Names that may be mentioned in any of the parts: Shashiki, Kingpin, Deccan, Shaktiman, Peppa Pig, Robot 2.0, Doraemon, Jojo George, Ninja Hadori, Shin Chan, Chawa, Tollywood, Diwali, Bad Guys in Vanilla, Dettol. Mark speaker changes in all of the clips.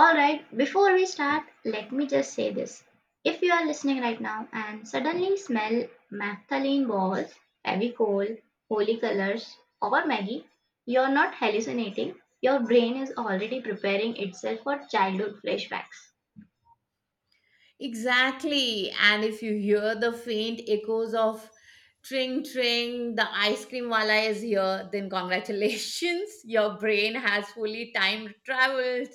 Speaker 1: Alright, before we start, let me just say this. If you are listening right now and suddenly smell naphthalene balls, heavy coal, holy colors, or Maggie, you're not hallucinating. Your brain is already preparing itself for childhood flashbacks.
Speaker 2: Exactly. And if you hear the faint echoes of tring tring, the ice cream wala is here, then congratulations, your brain has fully time traveled.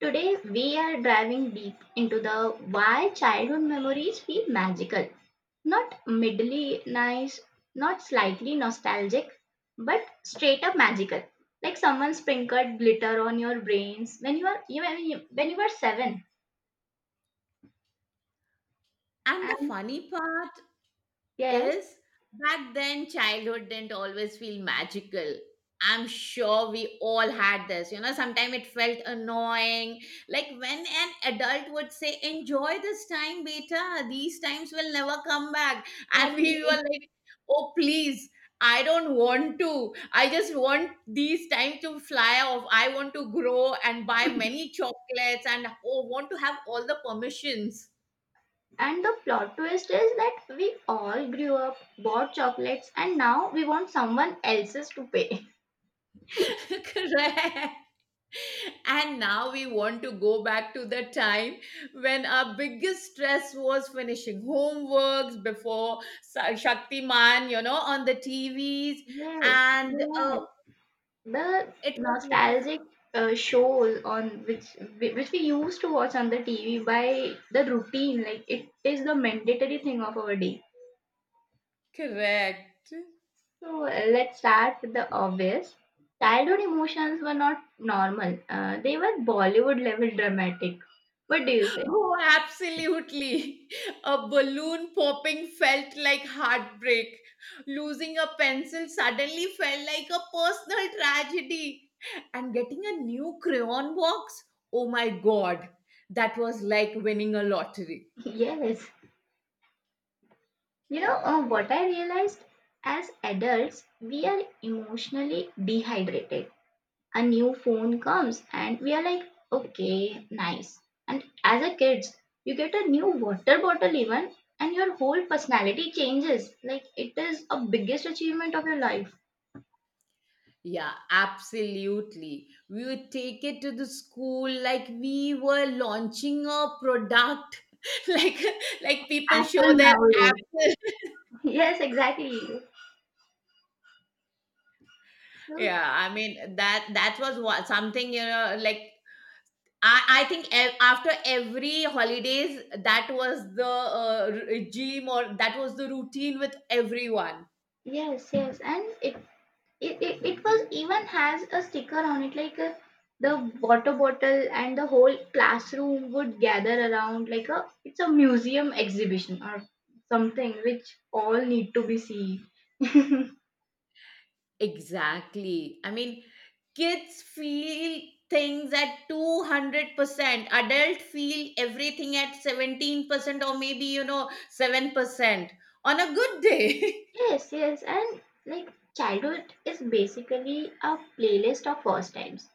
Speaker 1: Today, we are diving deep into the why childhood memories feel magical. Not middly nice, not slightly nostalgic, but straight up magical. Like someone sprinkled glitter on your brains when you are you- when you when you were seven.
Speaker 2: And the
Speaker 1: And
Speaker 2: funny part
Speaker 1: yes,
Speaker 2: is, back then childhood didn't always feel magical. I'm sure we all had this, sometimes it felt annoying, like when an adult would say, "Enjoy this time, beta. These times will never come back." And we
Speaker 1: exactly.
Speaker 2: were like, "Oh please, I don't want to, I just want these time to fly off. I want to grow and buy many chocolates, and want to have all the permissions."
Speaker 1: And the plot twist is that we all grew up, bought chocolates, and now we want someone else's to pay.
Speaker 2: Correct. And now we want to go back to the time when our biggest stress was finishing homeworks before Shaktiman, on the TVs.
Speaker 1: Yes,
Speaker 2: And
Speaker 1: yes. The
Speaker 2: it was like,
Speaker 1: nostalgic shows on which we used to watch on the TV by the routine, like it is the mandatory thing of our day.
Speaker 2: correct.
Speaker 1: So let's start with the obvious. Childhood emotions were not normal. They were Bollywood level dramatic. What do you say?
Speaker 2: Oh, absolutely. A balloon popping felt like heartbreak. Losing a pencil suddenly felt like a personal tragedy. And getting a new crayon box, oh my god, that was like winning a lottery.
Speaker 1: Yes. You know, what I realized, as adults, we are emotionally dehydrated. A new phone comes and we are like, okay, nice. And as a kids, you get a new water bottle even and your whole personality changes like it is a biggest achievement of your life.
Speaker 2: Yeah, absolutely. We would take it to the school like we were launching a product, like like people show
Speaker 1: Apple
Speaker 2: their
Speaker 1: nowadays.
Speaker 2: apple.
Speaker 1: Yes, exactly. So
Speaker 2: Yeah, I mean that was what something, like I think after every holidays that was the gym, or that was the routine with everyone.
Speaker 1: yes, yes, and it was even has a sticker on it like, the water bottle, and the whole classroom would gather around like a it's a museum exhibition or something which all need to be seen.
Speaker 2: Exactly. I mean, kids feel things at 200%. Adult feel everything at 17%, or maybe 7% on a good day.
Speaker 1: Yes, yes, and like childhood is basically a playlist of first times.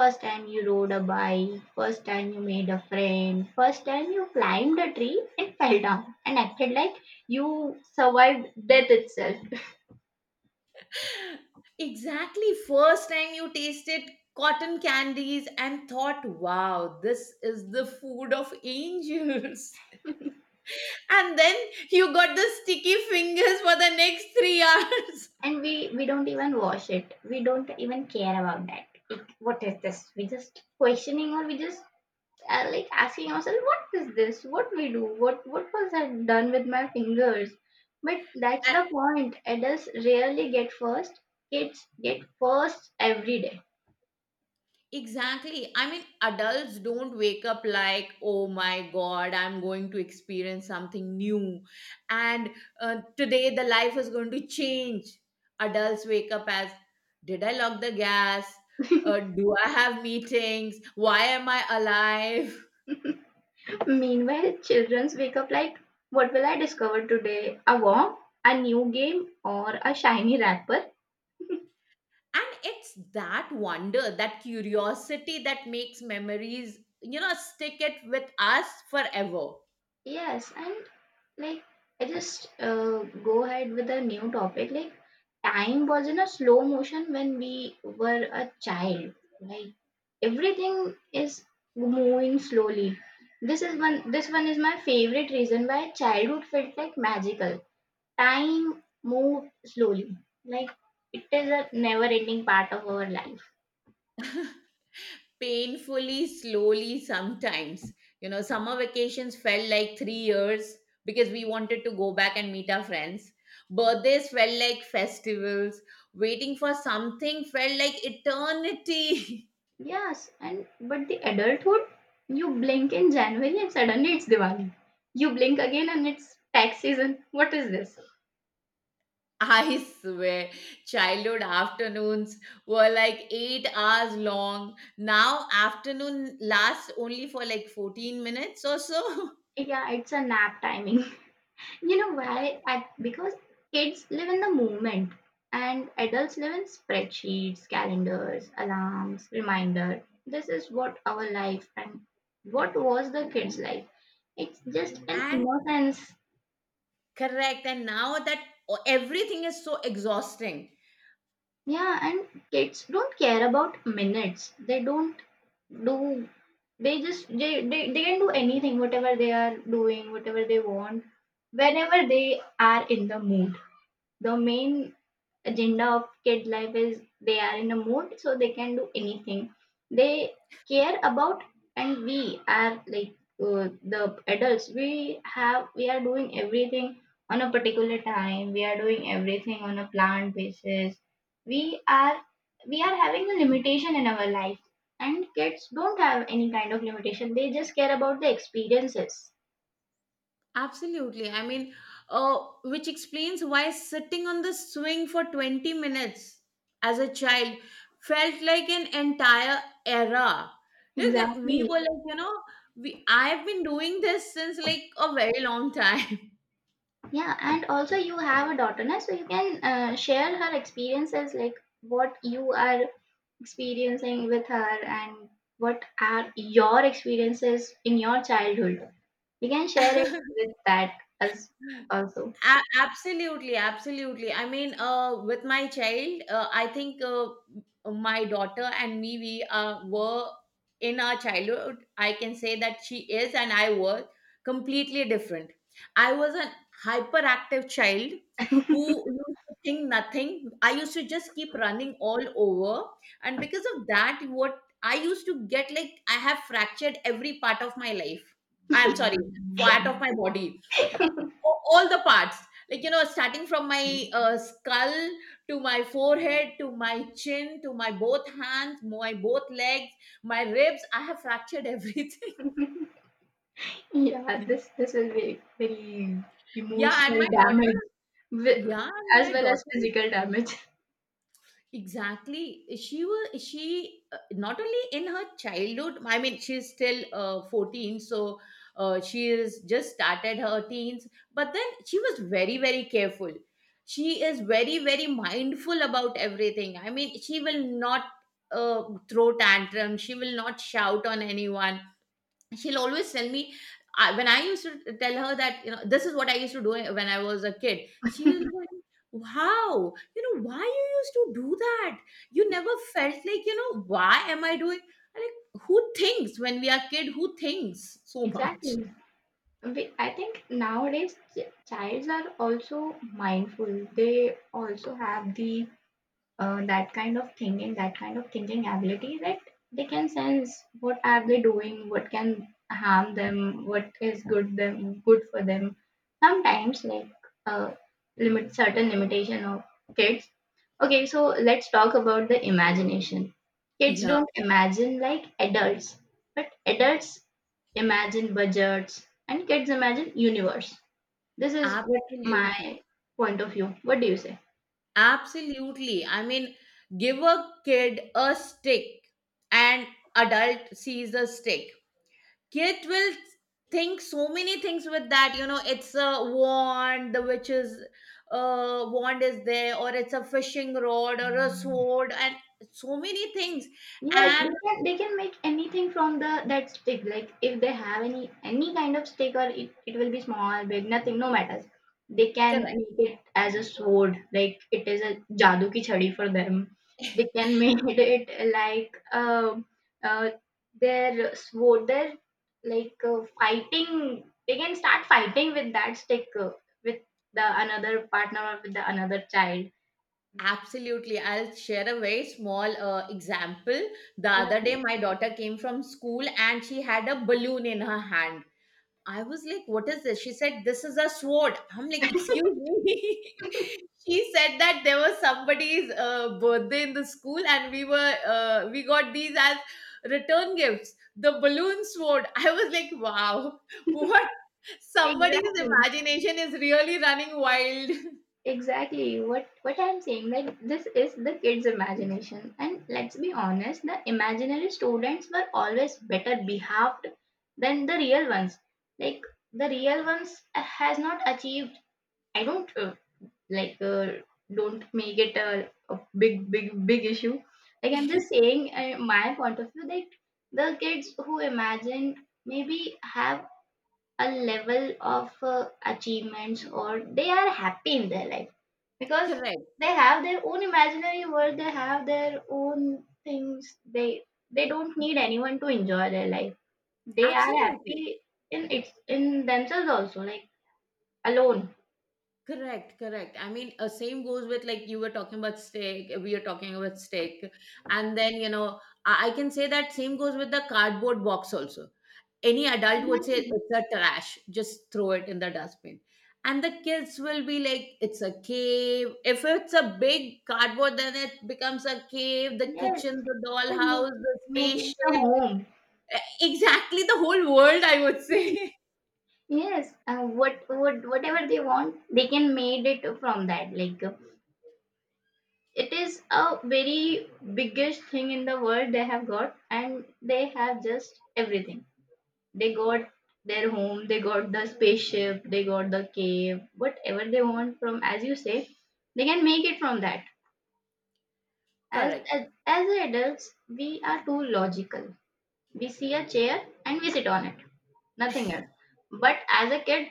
Speaker 1: First time you rode a bike, first time you made a friend, first time you climbed a tree and fell down and acted like you survived death itself.
Speaker 2: Exactly. First time you tasted cotton candies and thought, wow, this is the food of angels. And then you got the sticky fingers for the next 3 hours.
Speaker 1: And we don't even wash it, we don't even care about that it, what is this, we just questioning or we just like asking ourselves what is this, what we do, what was I done with my fingers. But that's the point, adults rarely get first, kids get first every day.
Speaker 2: Exactly. I mean, adults don't wake up like, oh my God, I'm going to experience something new. And today the life is going to change. Adults wake up as, did I lock the gas? Do I have meetings? Why am I alive?
Speaker 1: Meanwhile children wake up like, what will I discover today? A worm, a new game, or a shiny wrapper.
Speaker 2: And it's that wonder, that curiosity that makes memories, stick it with us forever.
Speaker 1: Yes, and like I just go ahead with a new topic. Like time was in a slow motion when we were a child. Like everything is moving slowly. This is one. This one is my favorite reason why childhood felt like magical. Time moved slowly. Like it is a never-ending part of our life.
Speaker 2: Painfully slowly sometimes. You know, summer vacations felt like 3 years because we wanted to go back and meet our friends. Birthdays felt like festivals. Waiting for something felt like eternity.
Speaker 1: Yes, and but the adulthood, you blink in January and suddenly it's Diwali. You blink again and it's tax season. What is this?
Speaker 2: I swear, childhood afternoons were like 8 hours long. Now afternoon lasts only for like 14 minutes or so.
Speaker 1: Yeah, it's a nap timing. You know why? I, because kids live in the moment and adults live in spreadsheets, calendars, alarms, reminder. This is what our life, and what was the kids' life. It's just an
Speaker 2: And
Speaker 1: innocence.
Speaker 2: correct, and now that everything is so exhausting.
Speaker 1: Yeah, and kids don't care about minutes. They don't do, they just they can do anything, whatever they are doing, whatever they want, whenever they are in the mood. The main agenda of kid life is they are in a mood, so they can do anything they care about. And we are like, uh, the adults, we have, we are doing everything on a particular time, we are doing everything on a planned basis, we are, we are having a limitation in our life. And kids don't have any kind of limitation, they just care about the experiences.
Speaker 2: Absolutely. I mean, uh, which explains why sitting on the swing for 20 minutes as a child felt like an entire era. Look, we
Speaker 1: Exactly.
Speaker 2: were like, we I've been doing this since like a very long time.
Speaker 1: Yeah, and also you have a daughter, na? So you can share her experiences, like what you are experiencing with her and what are your experiences in your childhood. You can share it with that as also.
Speaker 2: Absolutely, absolutely. I mean, with my child, I think my daughter and me, we were in our childhood. I can say that she is and I were completely different. I was an hyperactive child who used to think nothing. I used to just keep running all over, and because of that, what I used to get, like I have fractured every part of my life. I am sorry, part of my body, all the parts, like starting from my skull, to my forehead, to my chin, to my both hands, my both legs, my ribs. I have fractured everything.
Speaker 1: Yeah, this will be very
Speaker 2: Yeah, and
Speaker 1: emotional
Speaker 2: my daughter,
Speaker 1: damage, wi-
Speaker 2: yeah, and
Speaker 1: as
Speaker 2: my
Speaker 1: well as
Speaker 2: daughter,
Speaker 1: physical damage.
Speaker 2: exactly. She not only in her childhood. I mean, she's still 14, so she is just started her teens. But then she was very very careful. She is very very mindful about everything. I mean, she will not throw tantrum. She will not shout on anyone. She'll always tell me, I, when I used to tell her that, you know, this is what I used to do when I was a kid. She was like, "Wow, you know why you used to do that? You never felt like, you know, why am I doing?" I'm like, who thinks when we are kid? Who thinks so much?
Speaker 1: Exactly. I think nowadays childs are also mindful. They also have the that kind of thinking, that kind of thinking ability that they can sense what are they doing, what can harm them, what is good them good for them. Sometimes like uh, limit certain limitation of kids. Okay, so let's talk about the imagination. Kids
Speaker 2: Yeah,
Speaker 1: don't imagine like adults, but adults imagine budgets and kids imagine universe. This is what my
Speaker 2: absolutely,
Speaker 1: point of view. What do you say?
Speaker 2: absolutely. I mean, give a kid a stick, and adult sees a stick. Kid will think so many things with that, it's a wand, the witch's wand is there, or it's a fishing rod or a sword, and so many things.
Speaker 1: Yes,
Speaker 2: And
Speaker 1: they can, they can make anything from the that stick. Like if they have any kind of stick, or it will be small, big, nothing, no matters. They can
Speaker 2: correct,
Speaker 1: make it as a sword, like it is a jadoo ki chadi for them. They can make it like uh, their sword, their like fighting. They can start fighting with that stick with the another partner or with the another child.
Speaker 2: absolutely. I'll share a very small example. The
Speaker 1: Yeah,
Speaker 2: other day my daughter came from school and she had a balloon in her hand. I was like, what is this? She said, this is a sword. I'm like, excuse me. She said that there was somebody's birthday in the school and we got these as return gifts. The balloon sword. I was like, wow, what? Somebody's
Speaker 1: exactly.
Speaker 2: imagination is really running wild.
Speaker 1: Exactly what I'm saying, like this is the kids' imagination. And let's be honest, the imaginary students were always better behaved than the real ones. Like the real ones has not achieved. I don't like don't make it a big big big issue. Like I'm just saying my point of view that the kids who imagined maybe have a level of achievements, or they are happy in their life because
Speaker 2: Correct.
Speaker 1: they have their own imaginary world, they have their own things, they don't need anyone to enjoy their life. They are
Speaker 2: Absolutely.
Speaker 1: happy in its in themselves also, like alone.
Speaker 2: Correct, correct. I mean, same goes with like you were talking about steak, we are talking about steak. And then, you know, I can say that same goes with the cardboard box also. Any adult would say
Speaker 1: Exactly.
Speaker 2: it's a trash, just throw it in the dustbin. And the kids will be like, it's a cave. If it's a big cardboard, then it becomes a cave, the
Speaker 1: Yes,
Speaker 2: kitchen, the
Speaker 1: they can make,
Speaker 2: dollhouse, the
Speaker 1: make it a
Speaker 2: spaceship.
Speaker 1: home.
Speaker 2: Exactly the whole world, I would say.
Speaker 1: Yes, and what whatever they want they can made it from that, like it is a very biggest thing in the world they have got, and they have just everything. They got their home, they got the spaceship, they got the cave, whatever they want from, as you say, they can make it from that. As,
Speaker 2: Correct.
Speaker 1: as, as adults, we are too logical. We see a chair and we sit on it, nothing else. But as a kid,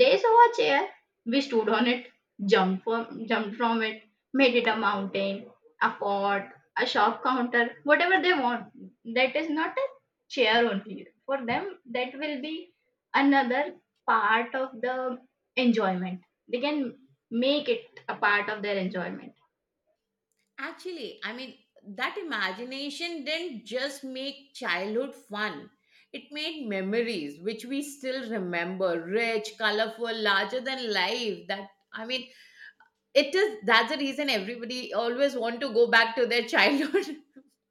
Speaker 1: they saw a chair. We stood on it, jumped from it, made it a mountain, a fort, a shop counter, whatever they want. That is not a chair only. For them, that will be another part of the enjoyment. They can make it a part of their enjoyment.
Speaker 2: Actually, I mean, that imagination didn't just make childhood fun. It made memories which we still remember, rich, colorful, larger than life. That I mean, it is that's the reason everybody always want to go back to their childhood.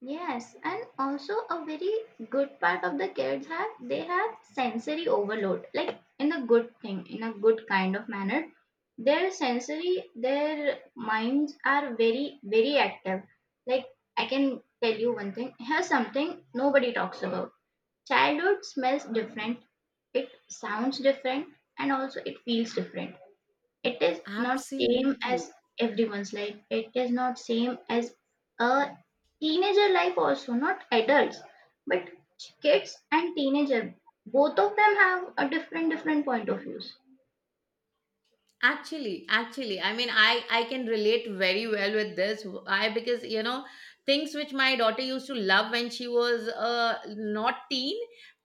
Speaker 1: Yes, and also a very good part of the kids have, they have sensory overload, like in a good thing, in a good kind of manner. Their sensory, their minds are very, very active. Like I can tell you one thing. Here's something nobody talks about. Childhood smells different, it sounds different, and also it feels different. It is not same
Speaker 2: Absolutely.
Speaker 1: as everyone's life, it is not same as a teenager life, also not adults. But kids and teenager, both of them have a different different point of views.
Speaker 2: Actually, I mean, I can relate very well with this. I Because, you know, things which my daughter used to love when she was not teen,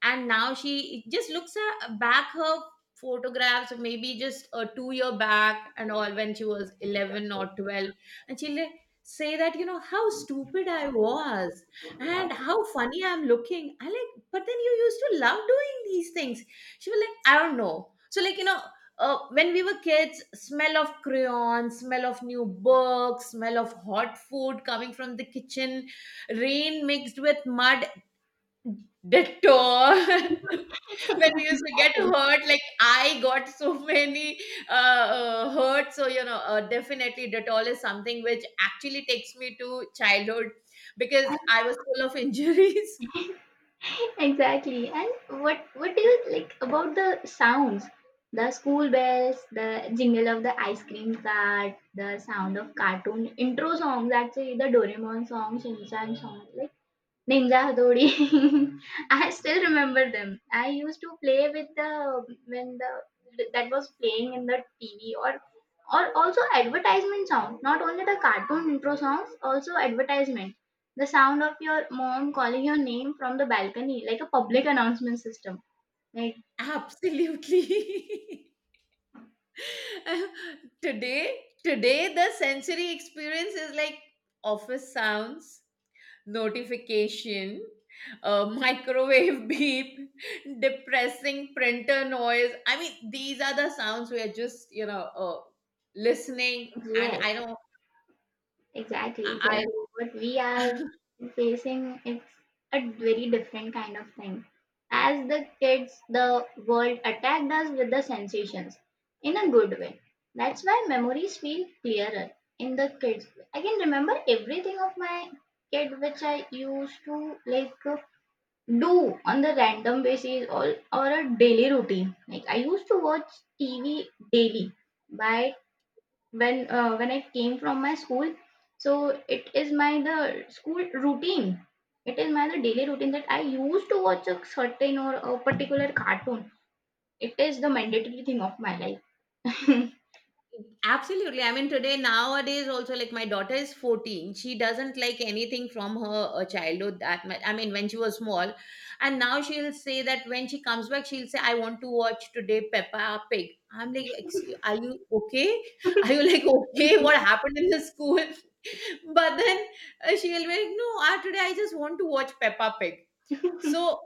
Speaker 2: and now she just looks at, back her photographs maybe just a 2 year back and all, when she was 11 or 12, and she'll like say that, you know, how stupid I was and how funny I'm looking. I like, but then you used to love doing these things. She was like, I don't know. So like, when we were kids, smell of crayons, smell of new books, smell of hot food coming from the kitchen, rain mixed with mud, dettol. When we used to get
Speaker 1: Exactly.
Speaker 2: hurt, like I got so many hurt. So, you know, definitely dettol is something which actually takes me to childhood, because I was full of injuries.
Speaker 1: Exactly. And what do you like about the sounds? The school bells, the jingle of the ice cream cart, the sound of cartoon intro songs, actually the Doraemon song, Shin Chan song. Like Ninja Hadori. I still remember them. I used to play with the when the that was playing in the TV, or also advertisement sound. Not only the cartoon intro songs, also advertisement. The sound of your mom calling your name from the balcony, like a public announcement system. Like
Speaker 2: Absolutely. Today, today the sensory experience is like office sounds, notification, microwave beep, depressing printer noise. I mean, these are the sounds we are just, listening, and
Speaker 1: yeah.
Speaker 2: I don't
Speaker 1: Exactly,
Speaker 2: I
Speaker 1: exactly. What we are facing, it's a very different kind of thing. As the kids, the world attacked us with the sensations in a good way. That's why memories feel clearer in the kids. I can remember everything of my kid which I used to like do on the random basis, or a daily routine. Like I used to watch TV daily by when I came from my school. So it is my the school routine. It is my the daily routine that I used to watch a certain or a particular cartoon. It is the mandatory thing of my life.
Speaker 2: Absolutely. I mean, today, nowadays, also, like my daughter is 14. She doesn't like anything from her childhood that much. I mean, when she was small. And now she'll say that when she comes back, she'll say, I want to watch today Peppa Pig. I'm like, excuse, are you okay? Are you like, okay? What happened in the school? But then she'll be like, no, today I just want to watch Peppa Pig. So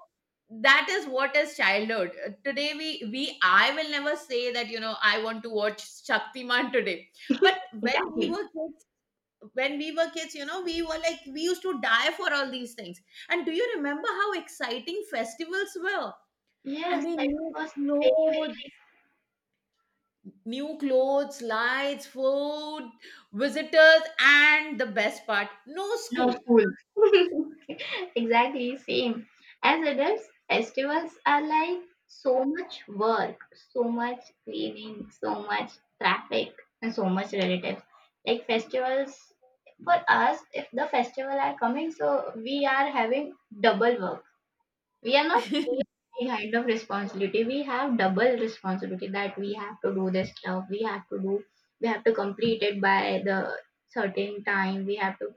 Speaker 2: that is what is childhood. Today we, I will never say that, you know, I want to watch shaktiman today. But when we
Speaker 1: Exactly.
Speaker 2: were kids when we were kids, you know, we were like, we used to die for all these things. And do you remember how exciting festivals were? I
Speaker 1: Yes,
Speaker 2: mean,
Speaker 1: that
Speaker 2: new
Speaker 1: was very.
Speaker 2: clothes, new clothes, lights, food, visitors, and the best part, no
Speaker 1: No
Speaker 2: school.
Speaker 1: fool. Exactly same, as adults festivals are like so much work, so much cleaning, so much traffic, and so much relatives. Like festivals for us, if the festival are coming, so we are having double work. We are not kind of responsibility, we have double responsibility, that we have to do this stuff, we have to do, we have to complete it by the certain time. We have to,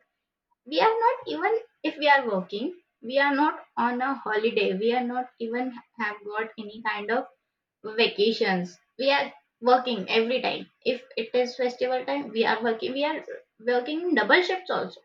Speaker 1: we are not even, if we are working, we are not on a holiday, we are not even have got any kind of vacations, we are working every time. If it is festival time, we are working, we are working double shifts also.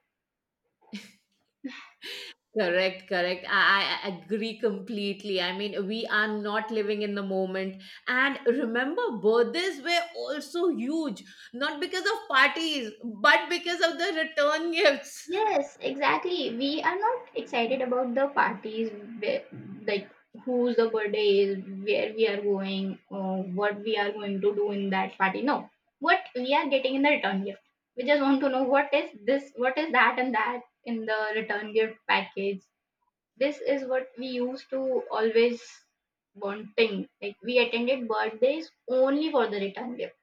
Speaker 2: Correct, correct. I agree completely. I mean, we are not living in the moment. And remember, birthdays were also huge, not because of parties, but because of the return gifts.
Speaker 1: Yes, exactly. We are not excited about the parties, where, like whose the birthday is, where we are going, or what we are going to do in that party. No, what we are getting in the return gift. We just want to know what is this, what is that, and that in the return gift package. This is what we used to always wanting. Like we attended birthdays only for the return gift,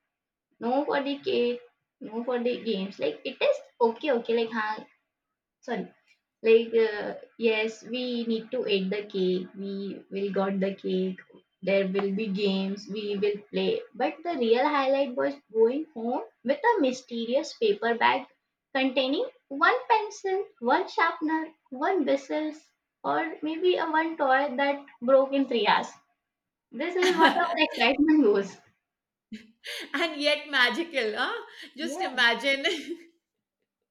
Speaker 1: no for the cake, no for the games. Like it is okay, okay. Like, huh, like, yes, we need to eat the cake. We will got the cake. There will be games. We will play. But the real highlight was going home with a mysterious paper bag containing one pencil, one sharpener, one whistles, or maybe a one toy that broke in 3 hours. This is what
Speaker 2: And
Speaker 1: our excitement goes.
Speaker 2: yet magical, huh? Just imagine.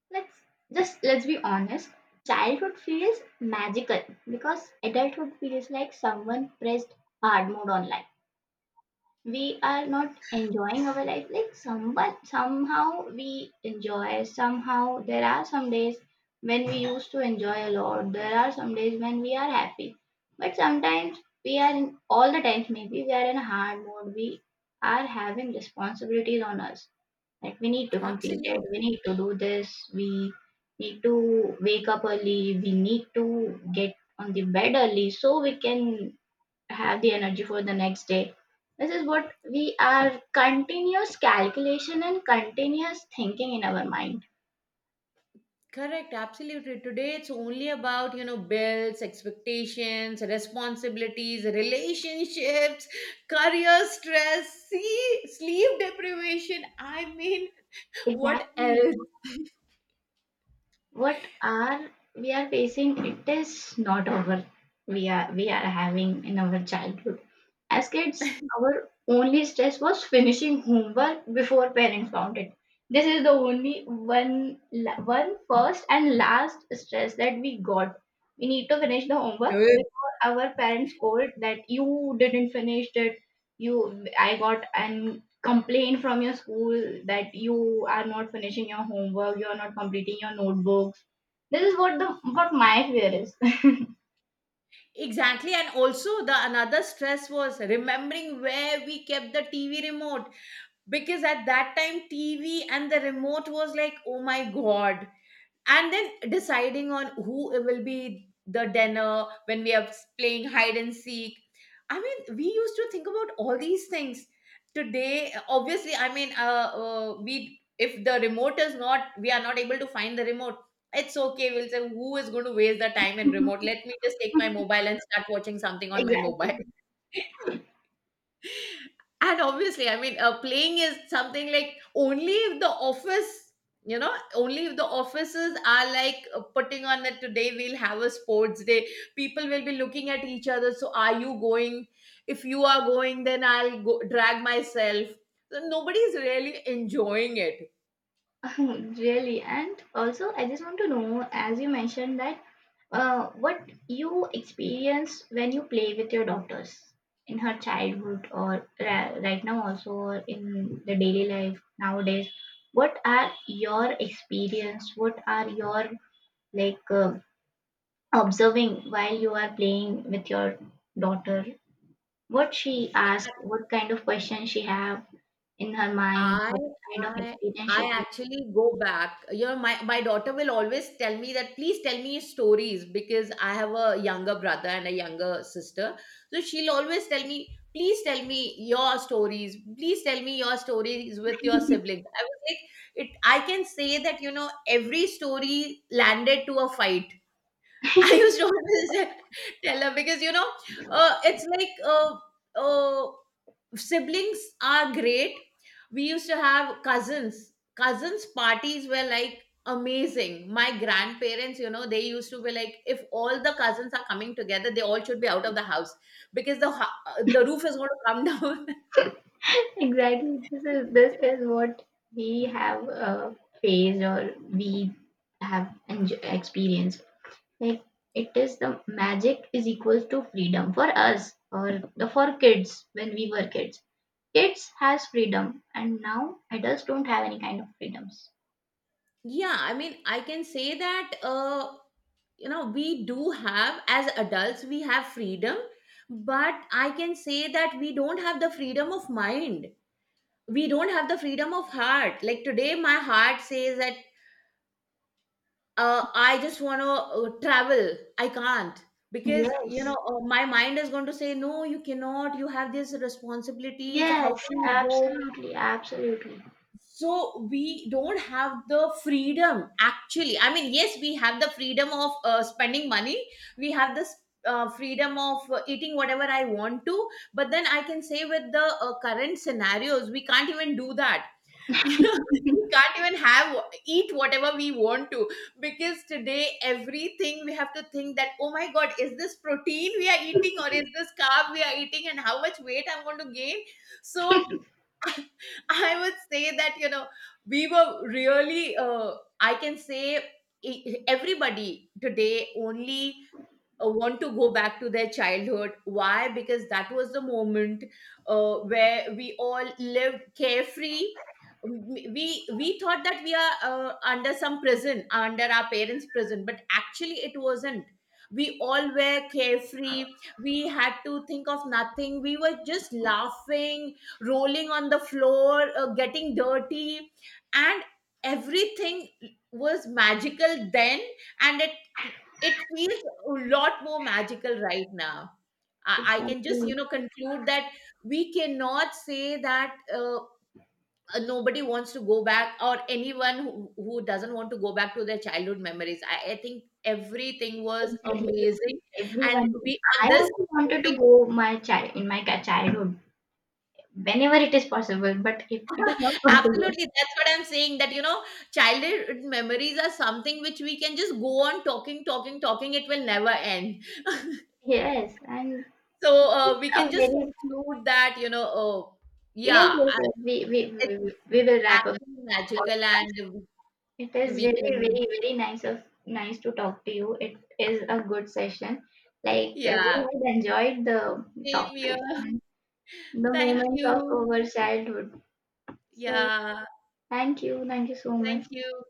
Speaker 1: Let's, just let's be honest. Childhood feels magical because adulthood feels like someone pressed hard mode on life. We are not enjoying our life, like someone somehow we enjoy. Somehow there are some days when we used to enjoy a lot. There are some days when we are happy. But sometimes we are, in all the times maybe we are in a hard mode. We are having responsibilities on us, like we need to complete it, we
Speaker 2: Absolutely.
Speaker 1: need to do this, we need to wake up early, we need to get on the bed early so we can have the energy for the next day. This is what, we are continuous calculation and continuous thinking in our mind.
Speaker 2: Correct, absolutely. Today it's only about, you know, bills, expectations, responsibilities, relationships, career stress, see, sleep deprivation. I mean, what
Speaker 1: Exactly.
Speaker 2: else?
Speaker 1: What are we are facing, it is not over. We are, we are having in our childhood as kids, our only stress was finishing homework before parents found it. This is the only one one first and last stress that we got. We need to finish the homework
Speaker 2: Good.
Speaker 1: before our parents scold that you didn't finish it. You, I got an complaint from your school that you are not finishing your homework, you are not completing your notebooks. This is what the what my fear is.
Speaker 2: Exactly. And also the another stress was remembering where we kept the TV remote, because at that time TV and the remote was like, oh my God. And then deciding on who it will be the dinner when we are playing hide and seek. I mean, we used to think about all these things. Today obviously, I mean, we, if the remote is not, we are not able to find the remote, it's okay, we'll say, who is going to waste the time in remote? Let me just take my mobile and start watching something on my
Speaker 1: Exactly.
Speaker 2: mobile. And obviously, I mean, playing is something like only if the office, you know, only if the offices are like putting on that today we'll have a sports day. People will be looking at each other, so, are you going? If you are going then I'll go, drag myself. So nobody is really enjoying it.
Speaker 1: Really, and also I just want to know, as you mentioned that what you experience when you play with your daughters in her childhood, or right now also, or in the daily life nowadays. What are your experience? What are your like observing while you are playing with your daughter, what she asks, what kind of questions she have in her mind,
Speaker 2: I
Speaker 1: what kind of
Speaker 2: I
Speaker 1: experience she
Speaker 2: I
Speaker 1: has.
Speaker 2: actually go back. You know, my daughter will always tell me that please tell me stories, because I have a younger brother and a younger sister. So she'll always tell me, please tell me your stories. Please tell me your stories with your siblings. I was like, it. I can say that, you know, every story landed to a fight. I used to always tell her, because you know, it's like siblings are great. We used to have cousins, cousins parties were like amazing. My grandparents, you know, they used to be like, if all the cousins are coming together, they all should be out of the house, because the the roof is going to come down.
Speaker 1: Exactly, this is what we have faced or we have experienced. Like it is, the magic is equals to freedom for us, or the for kids when we were kids. Kids has freedom and now adults don't have any kind of freedoms.
Speaker 2: Yeah, I mean, I can say that you know, we do have, as adults we have freedom, but I can say that we don't have the freedom of mind. We don't have the freedom of heart. Like today my heart says that I just want to travel. I can't, because you know,
Speaker 1: Yes.
Speaker 2: my mind is going to say no. You cannot. You have these responsibilities. How
Speaker 1: Yes,
Speaker 2: can you go?
Speaker 1: absolutely, absolutely.
Speaker 2: So we don't have the freedom. Actually, I mean, yes, we have the freedom of spending money. We have this. Freedom of eating whatever I want to, but then I can say with the current scenarios, we can't even do that. You know, we can't even have eat whatever we want to, because today everything we have to think that, oh my god, is this protein we are eating, or is this carb we are eating, and how much weight I'm going to gain. So I would say that, you know, we were really I can say, everybody today only want to go back to their childhood. Why? Because that was the moment where we all lived carefree. We thought that we are under some prison, under our parents' prison, but actually it wasn't. We all were carefree. We had to think of nothing. We were just laughing, rolling on the floor, getting dirty, and everything was magical then, and it feels a lot more magical right now. I can just,
Speaker 1: Exactly,
Speaker 2: you know, conclude that we cannot say that nobody wants to go back, or anyone who doesn't want to go back to their childhood memories. I think everything was
Speaker 1: exactly.
Speaker 2: amazing. And
Speaker 1: Everyone.
Speaker 2: we,
Speaker 1: I
Speaker 2: on this
Speaker 1: also wanted to
Speaker 2: topic,
Speaker 1: go my child in my childhood whenever it is possible, but if it is not possible,
Speaker 2: absolutely, that's what I'm saying that, you know, childhood memories are something which we can just go on talking, talking, talking. It will never end.
Speaker 1: yes, and
Speaker 2: So
Speaker 1: it's
Speaker 2: we can
Speaker 1: a
Speaker 2: just
Speaker 1: very,
Speaker 2: conclude that, you know, oh,
Speaker 1: yes,
Speaker 2: yeah,
Speaker 1: yes, yes. We we
Speaker 2: it's
Speaker 1: we, we we will wrap up
Speaker 2: actually
Speaker 1: the
Speaker 2: magical,
Speaker 1: podcast.
Speaker 2: and
Speaker 1: It
Speaker 2: we,
Speaker 1: is
Speaker 2: we
Speaker 1: really
Speaker 2: can,
Speaker 1: very very nice of nice to talk to you. It is a good session. Like we
Speaker 2: yeah,
Speaker 1: have enjoyed the
Speaker 2: same
Speaker 1: topic,
Speaker 2: here.
Speaker 1: the
Speaker 2: Thank
Speaker 1: moments of
Speaker 2: you.
Speaker 1: our childhood. So
Speaker 2: Yeah,
Speaker 1: thank you so much.
Speaker 2: thank you.